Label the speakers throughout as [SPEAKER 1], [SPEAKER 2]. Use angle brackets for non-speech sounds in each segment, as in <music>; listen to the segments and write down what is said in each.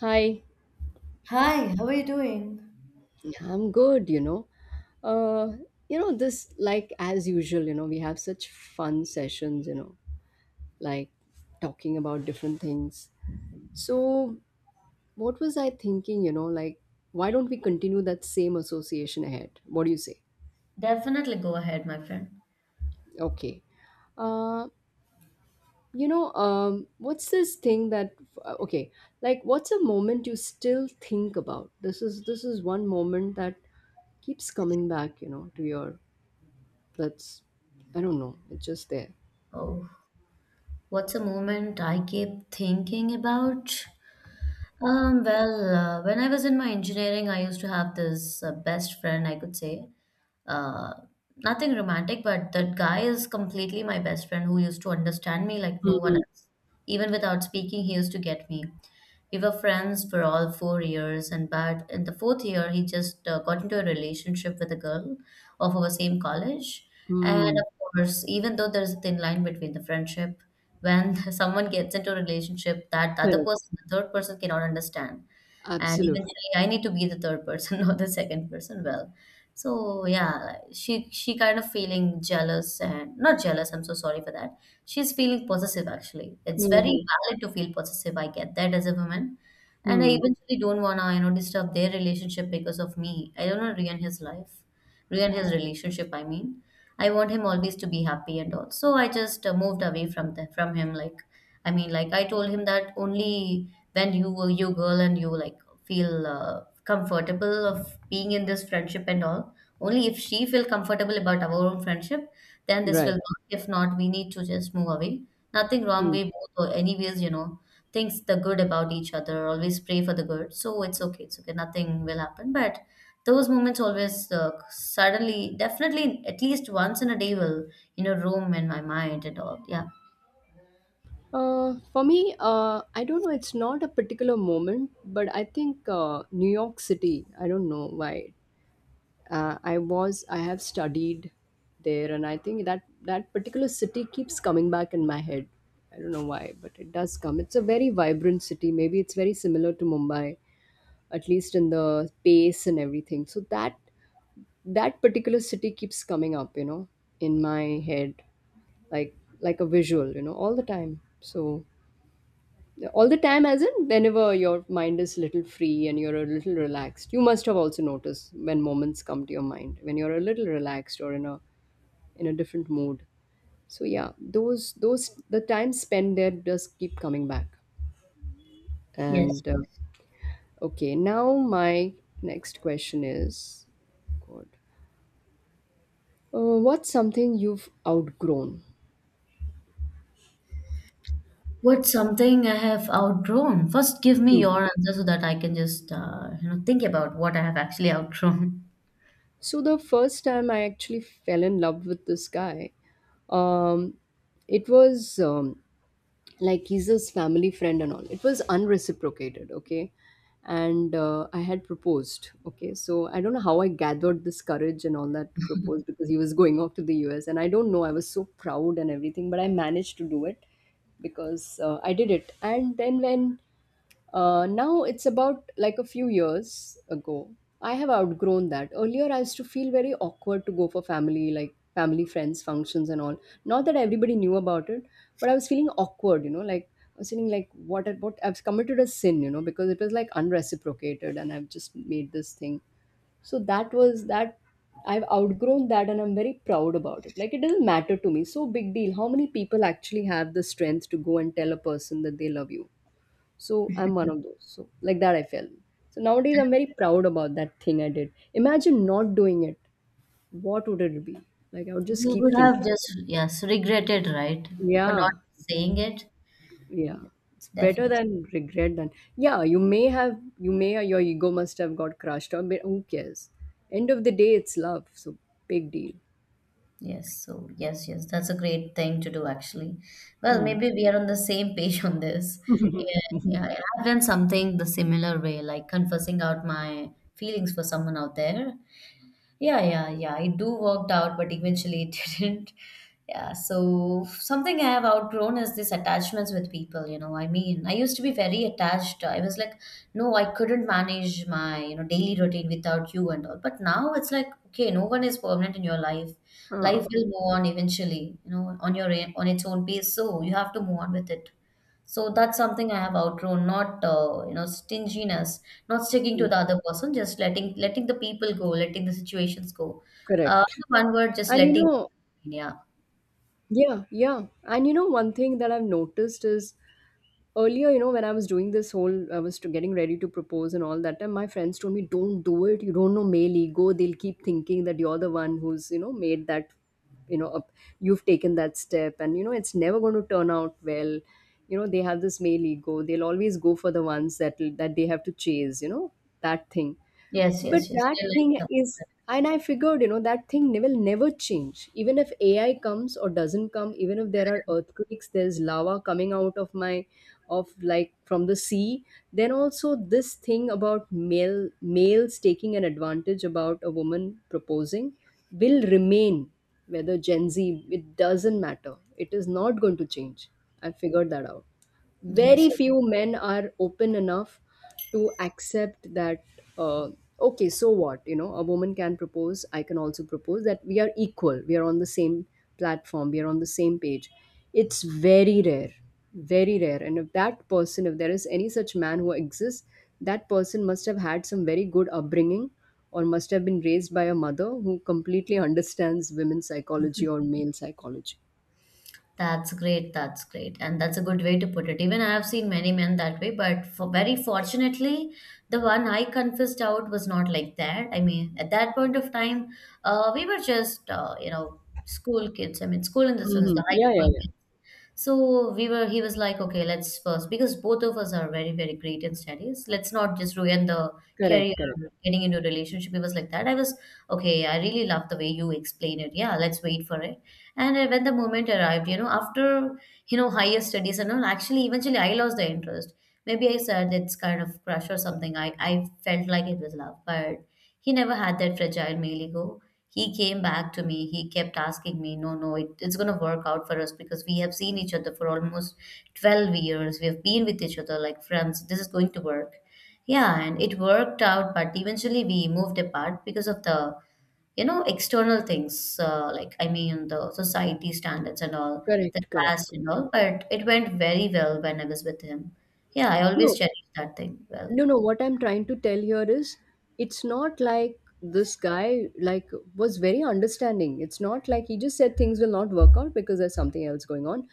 [SPEAKER 1] Hi.
[SPEAKER 2] Hi, how are you doing?
[SPEAKER 1] Yeah, I'm good, Uh, you know. As usual, you know, we have such fun sessions, you know, like talking about different things. So, what was I thinking, why don't we continue that same association ahead? What do you say?
[SPEAKER 2] Definitely go ahead, my friend.
[SPEAKER 1] Okay. Uh, what's this thing that, okay, like, what's a moment you still think about? This is one moment that keeps coming back, you know, to your That's I don't know, it's just there.
[SPEAKER 2] Oh, what's a moment I keep thinking about? When I was in my engineering, I used to have this best friend, I could say. Uh, Nothing romantic, but that guy is completely my best friend who used to understand me like no one
[SPEAKER 1] Mhm.
[SPEAKER 2] else. Even without speaking, he used to get me. We were friends for all 4 years, and but in the fourth year, he just got into a relationship with a girl of our same college. And of
[SPEAKER 1] Mm,
[SPEAKER 2] course, even though there's a thin line between the friendship, when <laughs> someone gets into a relationship that the other
[SPEAKER 1] correct.
[SPEAKER 2] person, the third person cannot understand. And
[SPEAKER 1] Absolutely.
[SPEAKER 2] eventually I need to be the third person, <laughs> not the second person. Well, so yeah, she kind of feeling jealous and not jealous, I'm so sorry for that. She's feeling possessive actually. It's very
[SPEAKER 1] Mhm.
[SPEAKER 2] valid to feel possessive. I get that as a woman. And I
[SPEAKER 1] Hmm.
[SPEAKER 2] eventually don't wanna, you know, disturb their relationship because of me. I don't wanna ruin his life, ruin his relationship, I mean. I want him always to be happy and all. So I just moved away from from him like I mean, like I told him that only when you were you girl and you like feel comfortable of being in this friendship and all. Only if she feel comfortable about our own friendship, then this will
[SPEAKER 1] Right.
[SPEAKER 2] work. If not, we need to just move away. Nothing wrong.
[SPEAKER 1] Hmm.
[SPEAKER 2] We both, or anyways, you know, thinks the good about each other. Always pray for the good. So it's okay. It's okay. Nothing will happen. But those moments always suddenly, definitely, at least once in a day will you know roam in my mind and all. Yeah.
[SPEAKER 1] For me, I don't know. It's not a particular moment, but I think New York City. I don't know why. I was. I have studied there, and I think that particular city keeps coming back in my head. I don't know why, but it does come. It's a very vibrant city. Maybe it's very similar to Mumbai, at least in the pace and everything. So that particular city keeps coming up, you know, in my head, like like a visual, you know, all the time. So all the time, as in whenever your mind is little free and you're a little relaxed, you must have also noticed when moments come to your mind when you're a little relaxed or in a different mood. So yeah, those the time spent there does keep coming back.
[SPEAKER 2] Yes.
[SPEAKER 1] And Okay, now my next question is, God, what's something you've outgrown?
[SPEAKER 2] What's something I have outgrown? First, give me
[SPEAKER 1] Hmm.
[SPEAKER 2] your answer so that I can just, you know, think about what I have actually outgrown. <laughs>
[SPEAKER 1] So the first time I actually fell in love with this guy, um, it was like he's his family friend and all. It was unreciprocated, okay, and I had proposed, okay. So I don't know how I gathered this courage and all that to propose because he was going off to the US, and I don't know. I was so proud and everything, but I managed to do it because I did it. And then when Now it's about like a few years ago. I have outgrown that. Earlier, I used to feel very awkward to go for family, friends, functions, and all. Not that everybody knew about it, but I was feeling awkward, you know, like I was feeling like what I've committed a sin, you know, because it was like unreciprocated and I've just made this thing. So that was that. I've outgrown that and I'm very proud about it. Like, it doesn't matter to me. So big deal. How many people actually have the strength to go and tell a person that they love you? So I'm one of those. So like that I felt. So nowadays I'm very proud about that thing I did. Imagine not doing it. What would it be? Like I would just
[SPEAKER 2] You
[SPEAKER 1] keep
[SPEAKER 2] would have
[SPEAKER 1] thinking.
[SPEAKER 2] just, yes, regretted, right? For not
[SPEAKER 1] Yeah.
[SPEAKER 2] saying it,
[SPEAKER 1] Yeah. It's better
[SPEAKER 2] definitely.
[SPEAKER 1] than regret than Yeah, you may, or your ego must have got crushed on, but who cares? End of the day it's love, so big deal.
[SPEAKER 2] Yes, so yes, yes, that's a great thing to do actually. Well,
[SPEAKER 1] Hmm.
[SPEAKER 2] maybe we are on the same page <laughs> on this. Yeah, yeah, I've done something the similar way, like confessing out my feelings for someone out there. Yeah, yeah, yeah. It do worked out, but eventually it <laughs> didn't. Yeah. So something I have outgrown is this attachments with people, you know. I mean, I used to be very attached. I was like, no, I couldn't manage my, you know, daily routine without you and all. But now it's like, okay, no one is permanent in your life. Life
[SPEAKER 1] Ah.
[SPEAKER 2] will move on eventually, you know, on its own pace. So you have to move on with it. So that's something I have outgrown, not you know stinginess, not sticking to the other person, just letting the people go, letting the situations go.
[SPEAKER 1] Correct.
[SPEAKER 2] In one word, just
[SPEAKER 1] And you
[SPEAKER 2] letting.
[SPEAKER 1] know,
[SPEAKER 2] Yeah.
[SPEAKER 1] yeah, yeah. And you know, one thing that I've noticed is earlier, you know, when I was doing this whole, I was to getting ready to propose and all that time, my friends told me, don't do it. You don't know male ego. They'll keep thinking that you're the one who's, you know, made that, you know, up, you've taken that step. And, you know, it's never going to turn out well. You know, they have this male ego. They'll always go for the ones that they have to chase, you know, that thing.
[SPEAKER 2] Yes.
[SPEAKER 1] But
[SPEAKER 2] Yes. Yes.
[SPEAKER 1] that
[SPEAKER 2] They like
[SPEAKER 1] thing
[SPEAKER 2] that.
[SPEAKER 1] is, and I figured, you know, that thing will never change. Even if AI comes or doesn't come, even if there are earthquakes, there's lava coming out of my, of like from the sea, then also this thing about males taking an advantage about a woman proposing will remain. Whether Gen Z, it doesn't matter. It is not going to change. I figured that out.
[SPEAKER 2] Yes.
[SPEAKER 1] Very
[SPEAKER 2] Yes.
[SPEAKER 1] few men are open enough to accept that uh, okay, so what, you know, a woman can propose, I can also propose, that we are equal, we are on the same platform, we are on the same page. It's very rare, very rare. And if that person, if there is any such man who exists, that person must have had some very good upbringing, or must have been raised by a mother who completely understands women's psychology or male psychology.
[SPEAKER 2] That's great. That's great. And that's a good way to put it. Even I have seen many men that way, but for very fortunately, the one I confessed out was not like that. I mean, at that point of time, we were just, you know, school kids. I mean, school in the sense,
[SPEAKER 1] Hmm,
[SPEAKER 2] the high
[SPEAKER 1] yeah,
[SPEAKER 2] school.
[SPEAKER 1] yeah, yeah.
[SPEAKER 2] So we were, he was like, okay, let's first, because both of us are very, very great in studies. Let's not just ruin the career,
[SPEAKER 1] Correct, correct,
[SPEAKER 2] or getting into a relationship. He was like that. I was, okay, I really love the way you explain it. Yeah, let's wait for it. And when the moment arrived, you know, after, you know, higher studies and all, actually, eventually I lost the interest. Maybe I said it's kind of crush or something. I felt like it was love, but he never had that fragile male ego. He came back to me. He kept asking me, no, no, it's going to work out for us because we have seen each other for almost 12 years. We have been with each other like friends. This is going to work. Yeah, and it worked out, but eventually we moved apart because of the you know, external things, like I mean the society standards and all, the
[SPEAKER 1] correct, correct,
[SPEAKER 2] caste and
[SPEAKER 1] correct.
[SPEAKER 2] all, but it went very well when I was with him. Yeah, I always
[SPEAKER 1] No,
[SPEAKER 2] cherish that thing well.
[SPEAKER 1] no, no. What I'm trying to tell here is it's not like this guy was very understanding. It's not like he just said things will not work out because there's something else going on.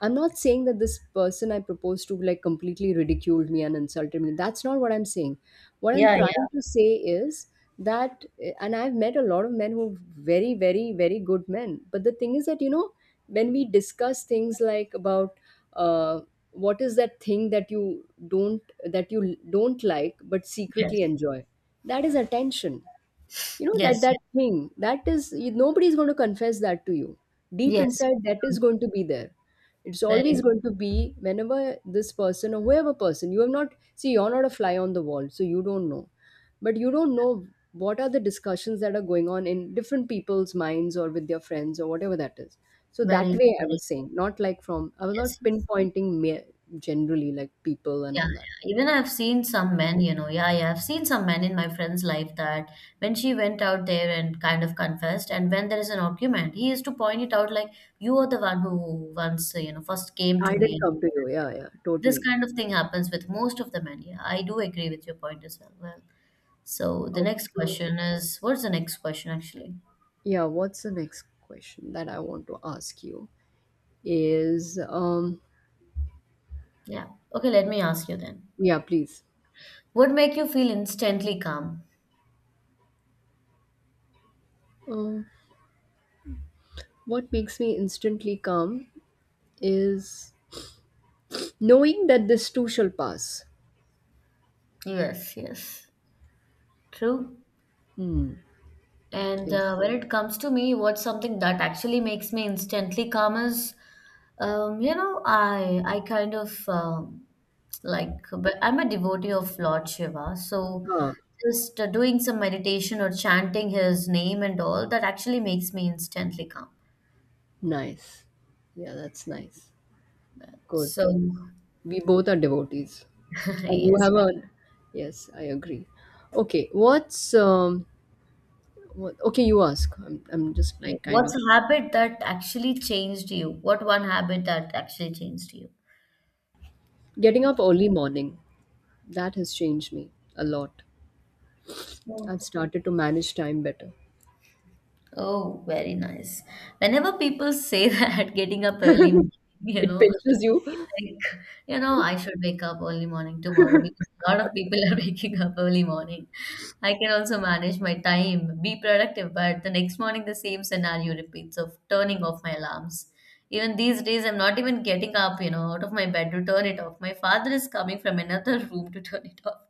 [SPEAKER 1] I'm not saying that this person I proposed to like completely ridiculed me and insulted me. That's not what I'm saying. What I'm
[SPEAKER 2] Yeah, yeah,
[SPEAKER 1] trying to say is that and I've met a lot of men who very, very, very good men. But the thing is that, you know, when we discuss things like about uh, what is that thing that you don't like but
[SPEAKER 2] yes,
[SPEAKER 1] secretly enjoy, that is attention, you know, that
[SPEAKER 2] yes,
[SPEAKER 1] that
[SPEAKER 2] yes,
[SPEAKER 1] thing, that is nobody's going to confess that to you. Deep
[SPEAKER 2] yes,
[SPEAKER 1] inside, that is
[SPEAKER 2] yes.
[SPEAKER 1] going to be there. It's always
[SPEAKER 2] Very,
[SPEAKER 1] going to be whenever this person or whoever person you have not see you're not a fly on the wall, so you don't know, but you don't know what are the discussions that are going on in different people's minds or with their friends or whatever that is. So that
[SPEAKER 2] very,
[SPEAKER 1] way, I
[SPEAKER 2] very,
[SPEAKER 1] was saying not like from I was not
[SPEAKER 2] yes, yes.
[SPEAKER 1] pinpointing me generally, like people and
[SPEAKER 2] Yeah,
[SPEAKER 1] all that.
[SPEAKER 2] yeah. Even I've seen some men, you know, yeah, yeah, I've seen some men in my friend's life that when she went out there and kind of confessed, and when there is an argument, he used to point it out like, you are the one who once, you know, first came to
[SPEAKER 1] I
[SPEAKER 2] me
[SPEAKER 1] didn't
[SPEAKER 2] and
[SPEAKER 1] come to you. Yeah, yeah,
[SPEAKER 2] This
[SPEAKER 1] totally.
[SPEAKER 2] kind of thing happens with most of them, and yeah, I do agree with your point as well. Well, so the next
[SPEAKER 1] Okay.
[SPEAKER 2] question is, what's the next question actually?
[SPEAKER 1] Yeah, what's the next question that I want to ask you is
[SPEAKER 2] Yeah. Okay, let me ask you then.
[SPEAKER 1] yeah, please.
[SPEAKER 2] What make you feel instantly calm?
[SPEAKER 1] uh, what makes me instantly calm is knowing that this too shall pass.
[SPEAKER 2] Yes, yes. True.
[SPEAKER 1] Hmm.
[SPEAKER 2] And
[SPEAKER 1] Yes.
[SPEAKER 2] when it comes to me, what's something that actually makes me instantly calm is, you know, I kind of like but I'm a devotee of lord shiva so
[SPEAKER 1] Ah,
[SPEAKER 2] just doing some meditation or chanting his name and all that actually makes me instantly calm
[SPEAKER 1] nice. Yeah, that's nice. Good.
[SPEAKER 2] so
[SPEAKER 1] We both are devotees, and you
[SPEAKER 2] <laughs> yes
[SPEAKER 1] have a yes, I agree. Okay, okay, you ask, I'm just like kind
[SPEAKER 2] what's
[SPEAKER 1] of
[SPEAKER 2] a habit that actually changed you what one habit that actually changed you
[SPEAKER 1] getting up early morning that has changed me a lot.
[SPEAKER 2] Yeah.
[SPEAKER 1] I've started to manage time better.
[SPEAKER 2] Oh, very nice. Whenever people say <laughs> that getting up early, morning, you
[SPEAKER 1] It
[SPEAKER 2] know,
[SPEAKER 1] pinches
[SPEAKER 2] I
[SPEAKER 1] you.
[SPEAKER 2] feel like, you know, I should wake up early morning tomorrow because a lot of people are <laughs> waking up early morning. I can also manage my time, be productive, but the next morning the same scenario repeats of turning off my alarms. Even these days, I'm not even getting up, you know, out of my bed to turn it off. My father is coming from another <laughs> room to turn it off.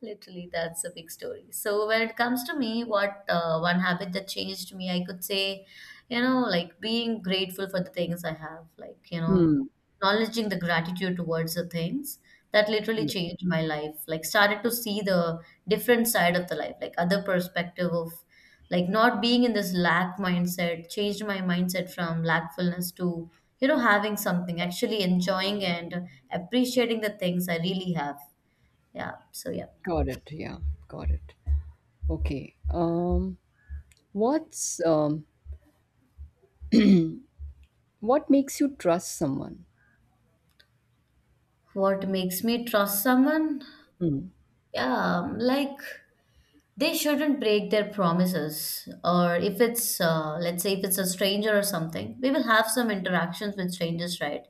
[SPEAKER 2] Literally, that's a big story. So when it comes to me, what one habit that changed me, I could say, you know, like being grateful for the things I have, like, you know,
[SPEAKER 1] Hmm.
[SPEAKER 2] acknowledging the gratitude towards the things that literally
[SPEAKER 1] Yeah,
[SPEAKER 2] changed my life. Like started to see the different side of the life, like other perspective of like not being in this lack mindset, changed my mindset from lackfulness to, you know, having something, actually enjoying and appreciating the things I really have. Yeah. So yeah.
[SPEAKER 1] got it. Yeah. Got it. Okay. What's what makes you trust someone?
[SPEAKER 2] What makes me trust someone?
[SPEAKER 1] Hmm.
[SPEAKER 2] Yeah, like they shouldn't break their promises. Or if it's, let's say, if it's a stranger or something, we will have some interactions with strangers, right?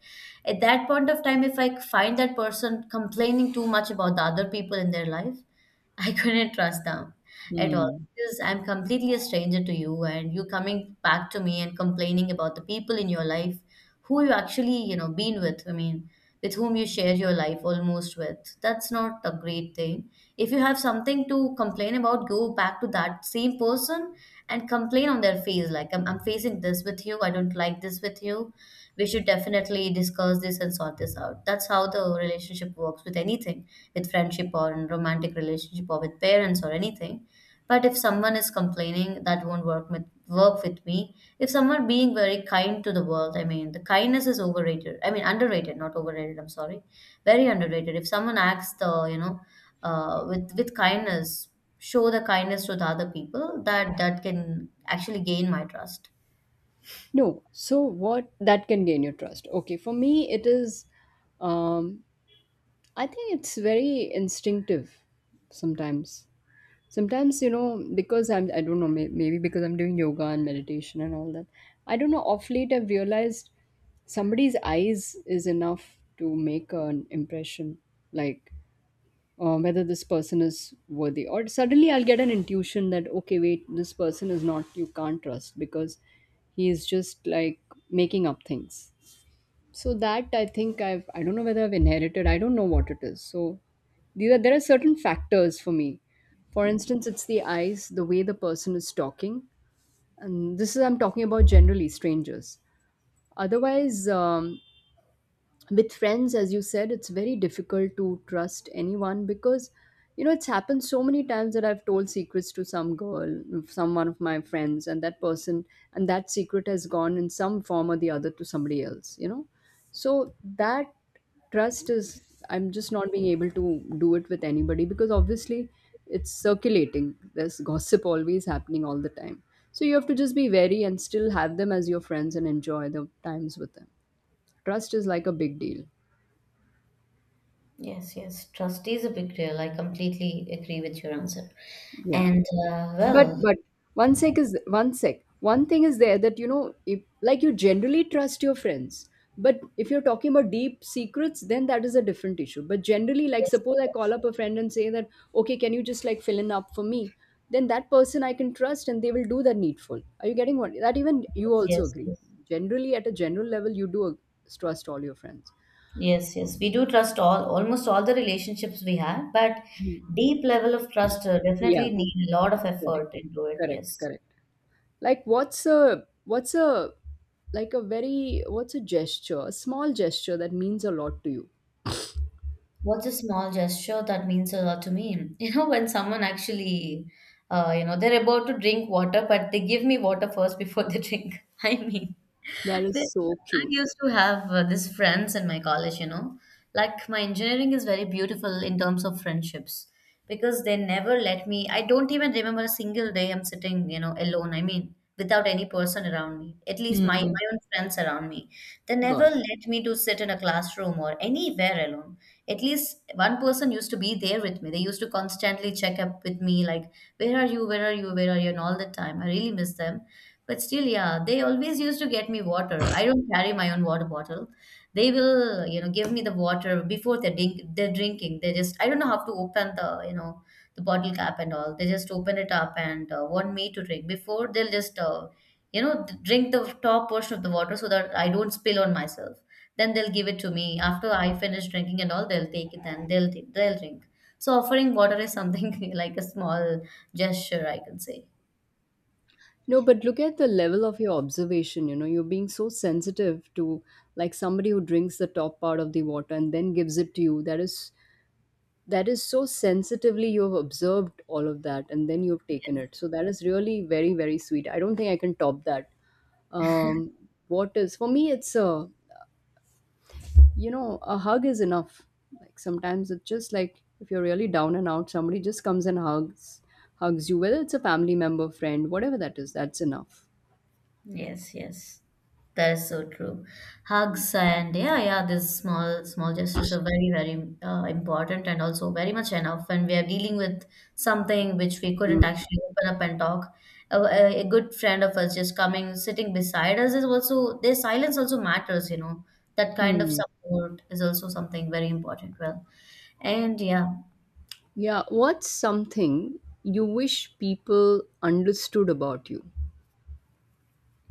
[SPEAKER 2] At that point of time, if I find that person complaining too much about the other people in their life, <laughs> I couldn't trust them at all
[SPEAKER 1] Hmm.
[SPEAKER 2] because I'm completely a stranger to you, and you coming back to me and complaining about the people in your life who you actually, you know, been with. I mean, with whom you share your life almost with. That's not a great thing. If you have something to complain about, go back to that same person and complain on their face, like I'm facing this with you. I don't like this with you we should definitely discuss this and sort this out. That's how the relationship works with anything, with friendship or in romantic relationship or with parents or anything. But if someone is complaining, that won't work with me. If someone being very kind to the world, I mean, the kindness is overrated. I mean, underrated, not overrated. I'm sorry, very underrated. If someone acts the, you know, with kindness, show the kindness to the other people, that can actually gain my trust.
[SPEAKER 1] No. So what that can gain your trust? Okay. For me, it is. Um. I think it's very instinctive. Sometimes. Sometimes, you know, because I'm I don't know may, maybe because I'm doing yoga and meditation and all that, I don't know, off late I've realized somebody's eyes is enough to make an impression, like whether this person is worthy, or suddenly I'll get an intuition that okay wait this person is not, you can't trust, because he is just like making up things. So that I think I've, I don't know whether I've inherited. I don't know what it is. So these are, there are certain factors for me. For instance, it's the eyes, the way the person is talking, and this is I'm talking about generally strangers. Otherwise, with friends, as you said, it's very difficult to trust anyone because you know it's happened so many times that I've told secrets to some girl some one of my friends, and that person, and that secret has gone in some form or the other to somebody else, you know, so that trust is, I'm just not being able to do it with anybody because obviously it's circulating, there's gossip always happening all the time, so you have to just be wary and still have them as your friends and enjoy the times with them. Trust is like a big deal.
[SPEAKER 2] Yes, yes. Trust is a big deal. I completely agree with your answer.
[SPEAKER 1] Yeah.
[SPEAKER 2] And well,
[SPEAKER 1] But one sec, One thing is there that, you know, if like you generally trust your friends, but if you're talking about deep secrets, then that is a different issue. But generally, like
[SPEAKER 2] yes,
[SPEAKER 1] suppose I call
[SPEAKER 2] yes,
[SPEAKER 1] up a friend and say that, okay, can you just like fill in up for me? Then that person I can trust and they will do the needful. Are you getting what that, even you
[SPEAKER 2] yes,
[SPEAKER 1] also
[SPEAKER 2] yes,
[SPEAKER 1] agree?
[SPEAKER 2] yes,
[SPEAKER 1] Generally, at a general level, you do trust all your friends.
[SPEAKER 2] yes, yes. We do trust all almost all the relationships we have, but
[SPEAKER 1] Hmm.
[SPEAKER 2] deep level of trust
[SPEAKER 1] Yeah,
[SPEAKER 2] definitely need a lot of
[SPEAKER 1] correct,
[SPEAKER 2] effort into it.
[SPEAKER 1] correct,
[SPEAKER 2] Yes.
[SPEAKER 1] correct. Like what's a gesture, a small gesture that means a lot to you?
[SPEAKER 2] What's a small gesture that means a lot to me? <laughs> You know, when someone actually, you know, they're about to drink water, but they give me water first <laughs> before they drink. <laughs> I mean,
[SPEAKER 1] That
[SPEAKER 2] they,
[SPEAKER 1] is so
[SPEAKER 2] I
[SPEAKER 1] cute.
[SPEAKER 2] used to have these friends in my college, you know. Like, my engineering is very beautiful in terms of friendships because they never let me. I don't even remember a single day I'm sitting, you know, alone. I mean, without any person around me, at least my
[SPEAKER 1] Mm-hmm.
[SPEAKER 2] own friends around me. They never
[SPEAKER 1] God.
[SPEAKER 2] let me to sit in a classroom or anywhere alone. At least one person used to be there with me. They used to constantly check up with me, like, where are you? Where are you? Where are you? And all the time. I really miss them but still, yeah, they always used to get me water. I don't carry my own water bottle. They will, you know, give me the water before they're, they're drinking. They just, I don't know how to open the, you know, the bottle cap and all. They just open it up and want me to drink. Before, they'll just, you know, drink the top portion of the water so that I don't spill on myself. Then they'll give it to me. After I finish drinking and all, they'll take it and they'll, they'll drink. So offering water is something <laughs> like a small gesture, I can say.
[SPEAKER 1] No, but look at the level of your observation, you know, you're being so sensitive to like somebody who drinks the top part of the water and then gives it to you, that is, that is so sensitively you've observed all of that and then you've taken it, so that is really very very sweet. I don't think I can top that. um what is, for me it's a, you know, a hug is enough. Like sometimes it's just like if you're really down and out, somebody just comes and hugs you, whether it's a family member, friend, whatever that is, that's enough.
[SPEAKER 2] Yes, yes. That is so true. Hugs and yeah, yeah, these small, small gestures are very, very important and also very much enough when we are dealing with something which we couldn't
[SPEAKER 1] Mm.
[SPEAKER 2] actually open up and talk. A good friend of us just coming, sitting beside us is also, their silence also matters, you know. That kind of
[SPEAKER 1] Hmm.
[SPEAKER 2] support is also something very important. Well, and yeah.
[SPEAKER 1] Yeah. What's something you wish people understood about you?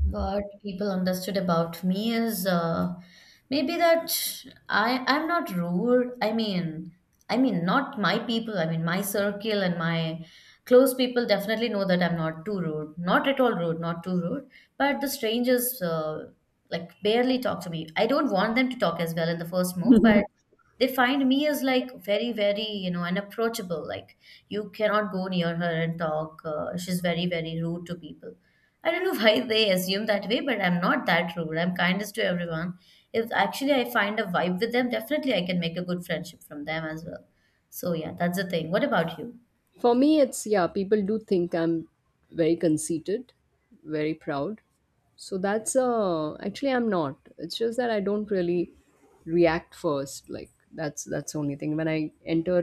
[SPEAKER 2] What people understood about me is maybe that I'm not rude. I mean not my people. I mean my circle and my close people definitely know that I'm not too rude, not at all rude, not too rude. But the strangers like barely talk to me. I don't want them to talk as well in the first move, but
[SPEAKER 1] <laughs>
[SPEAKER 2] they find me as like very very you know unapproachable like you cannot go near her and talk she's very very rude to people I don't know <laughs> why they assume that way but I'm not that rude I'm kindest to everyone if actually I find a vibe with them definitely I can make a good friendship from them as well so yeah that's the thing what about you
[SPEAKER 1] For me, it's yeah, people do think I'm very conceited, very proud. So that's actually I'm not. It's just that I don't really react first. Like that's the only thing. When I enter,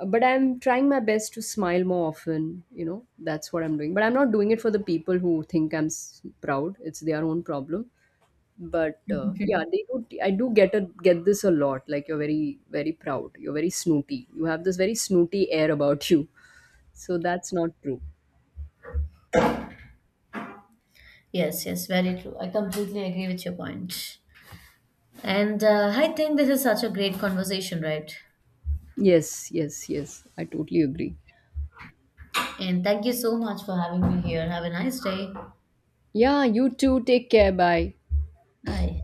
[SPEAKER 1] but I'm trying my best to smile more often, you know, that's what I'm doing. But I'm not doing it for the people who think I'm proud. It's their own problem. But yeah, they do. I do get a, get this a lot. Like you're very very proud. You're very snooty. You have this very snooty air about you. So that's not true.
[SPEAKER 2] yes yes very true I completely agree with your point. And I think this is such a great conversation right
[SPEAKER 1] Yes, yes, yes. I totally agree.
[SPEAKER 2] and thank you so much for having me here have a nice day
[SPEAKER 1] Yeah, you too. Take care. Bye.
[SPEAKER 2] bye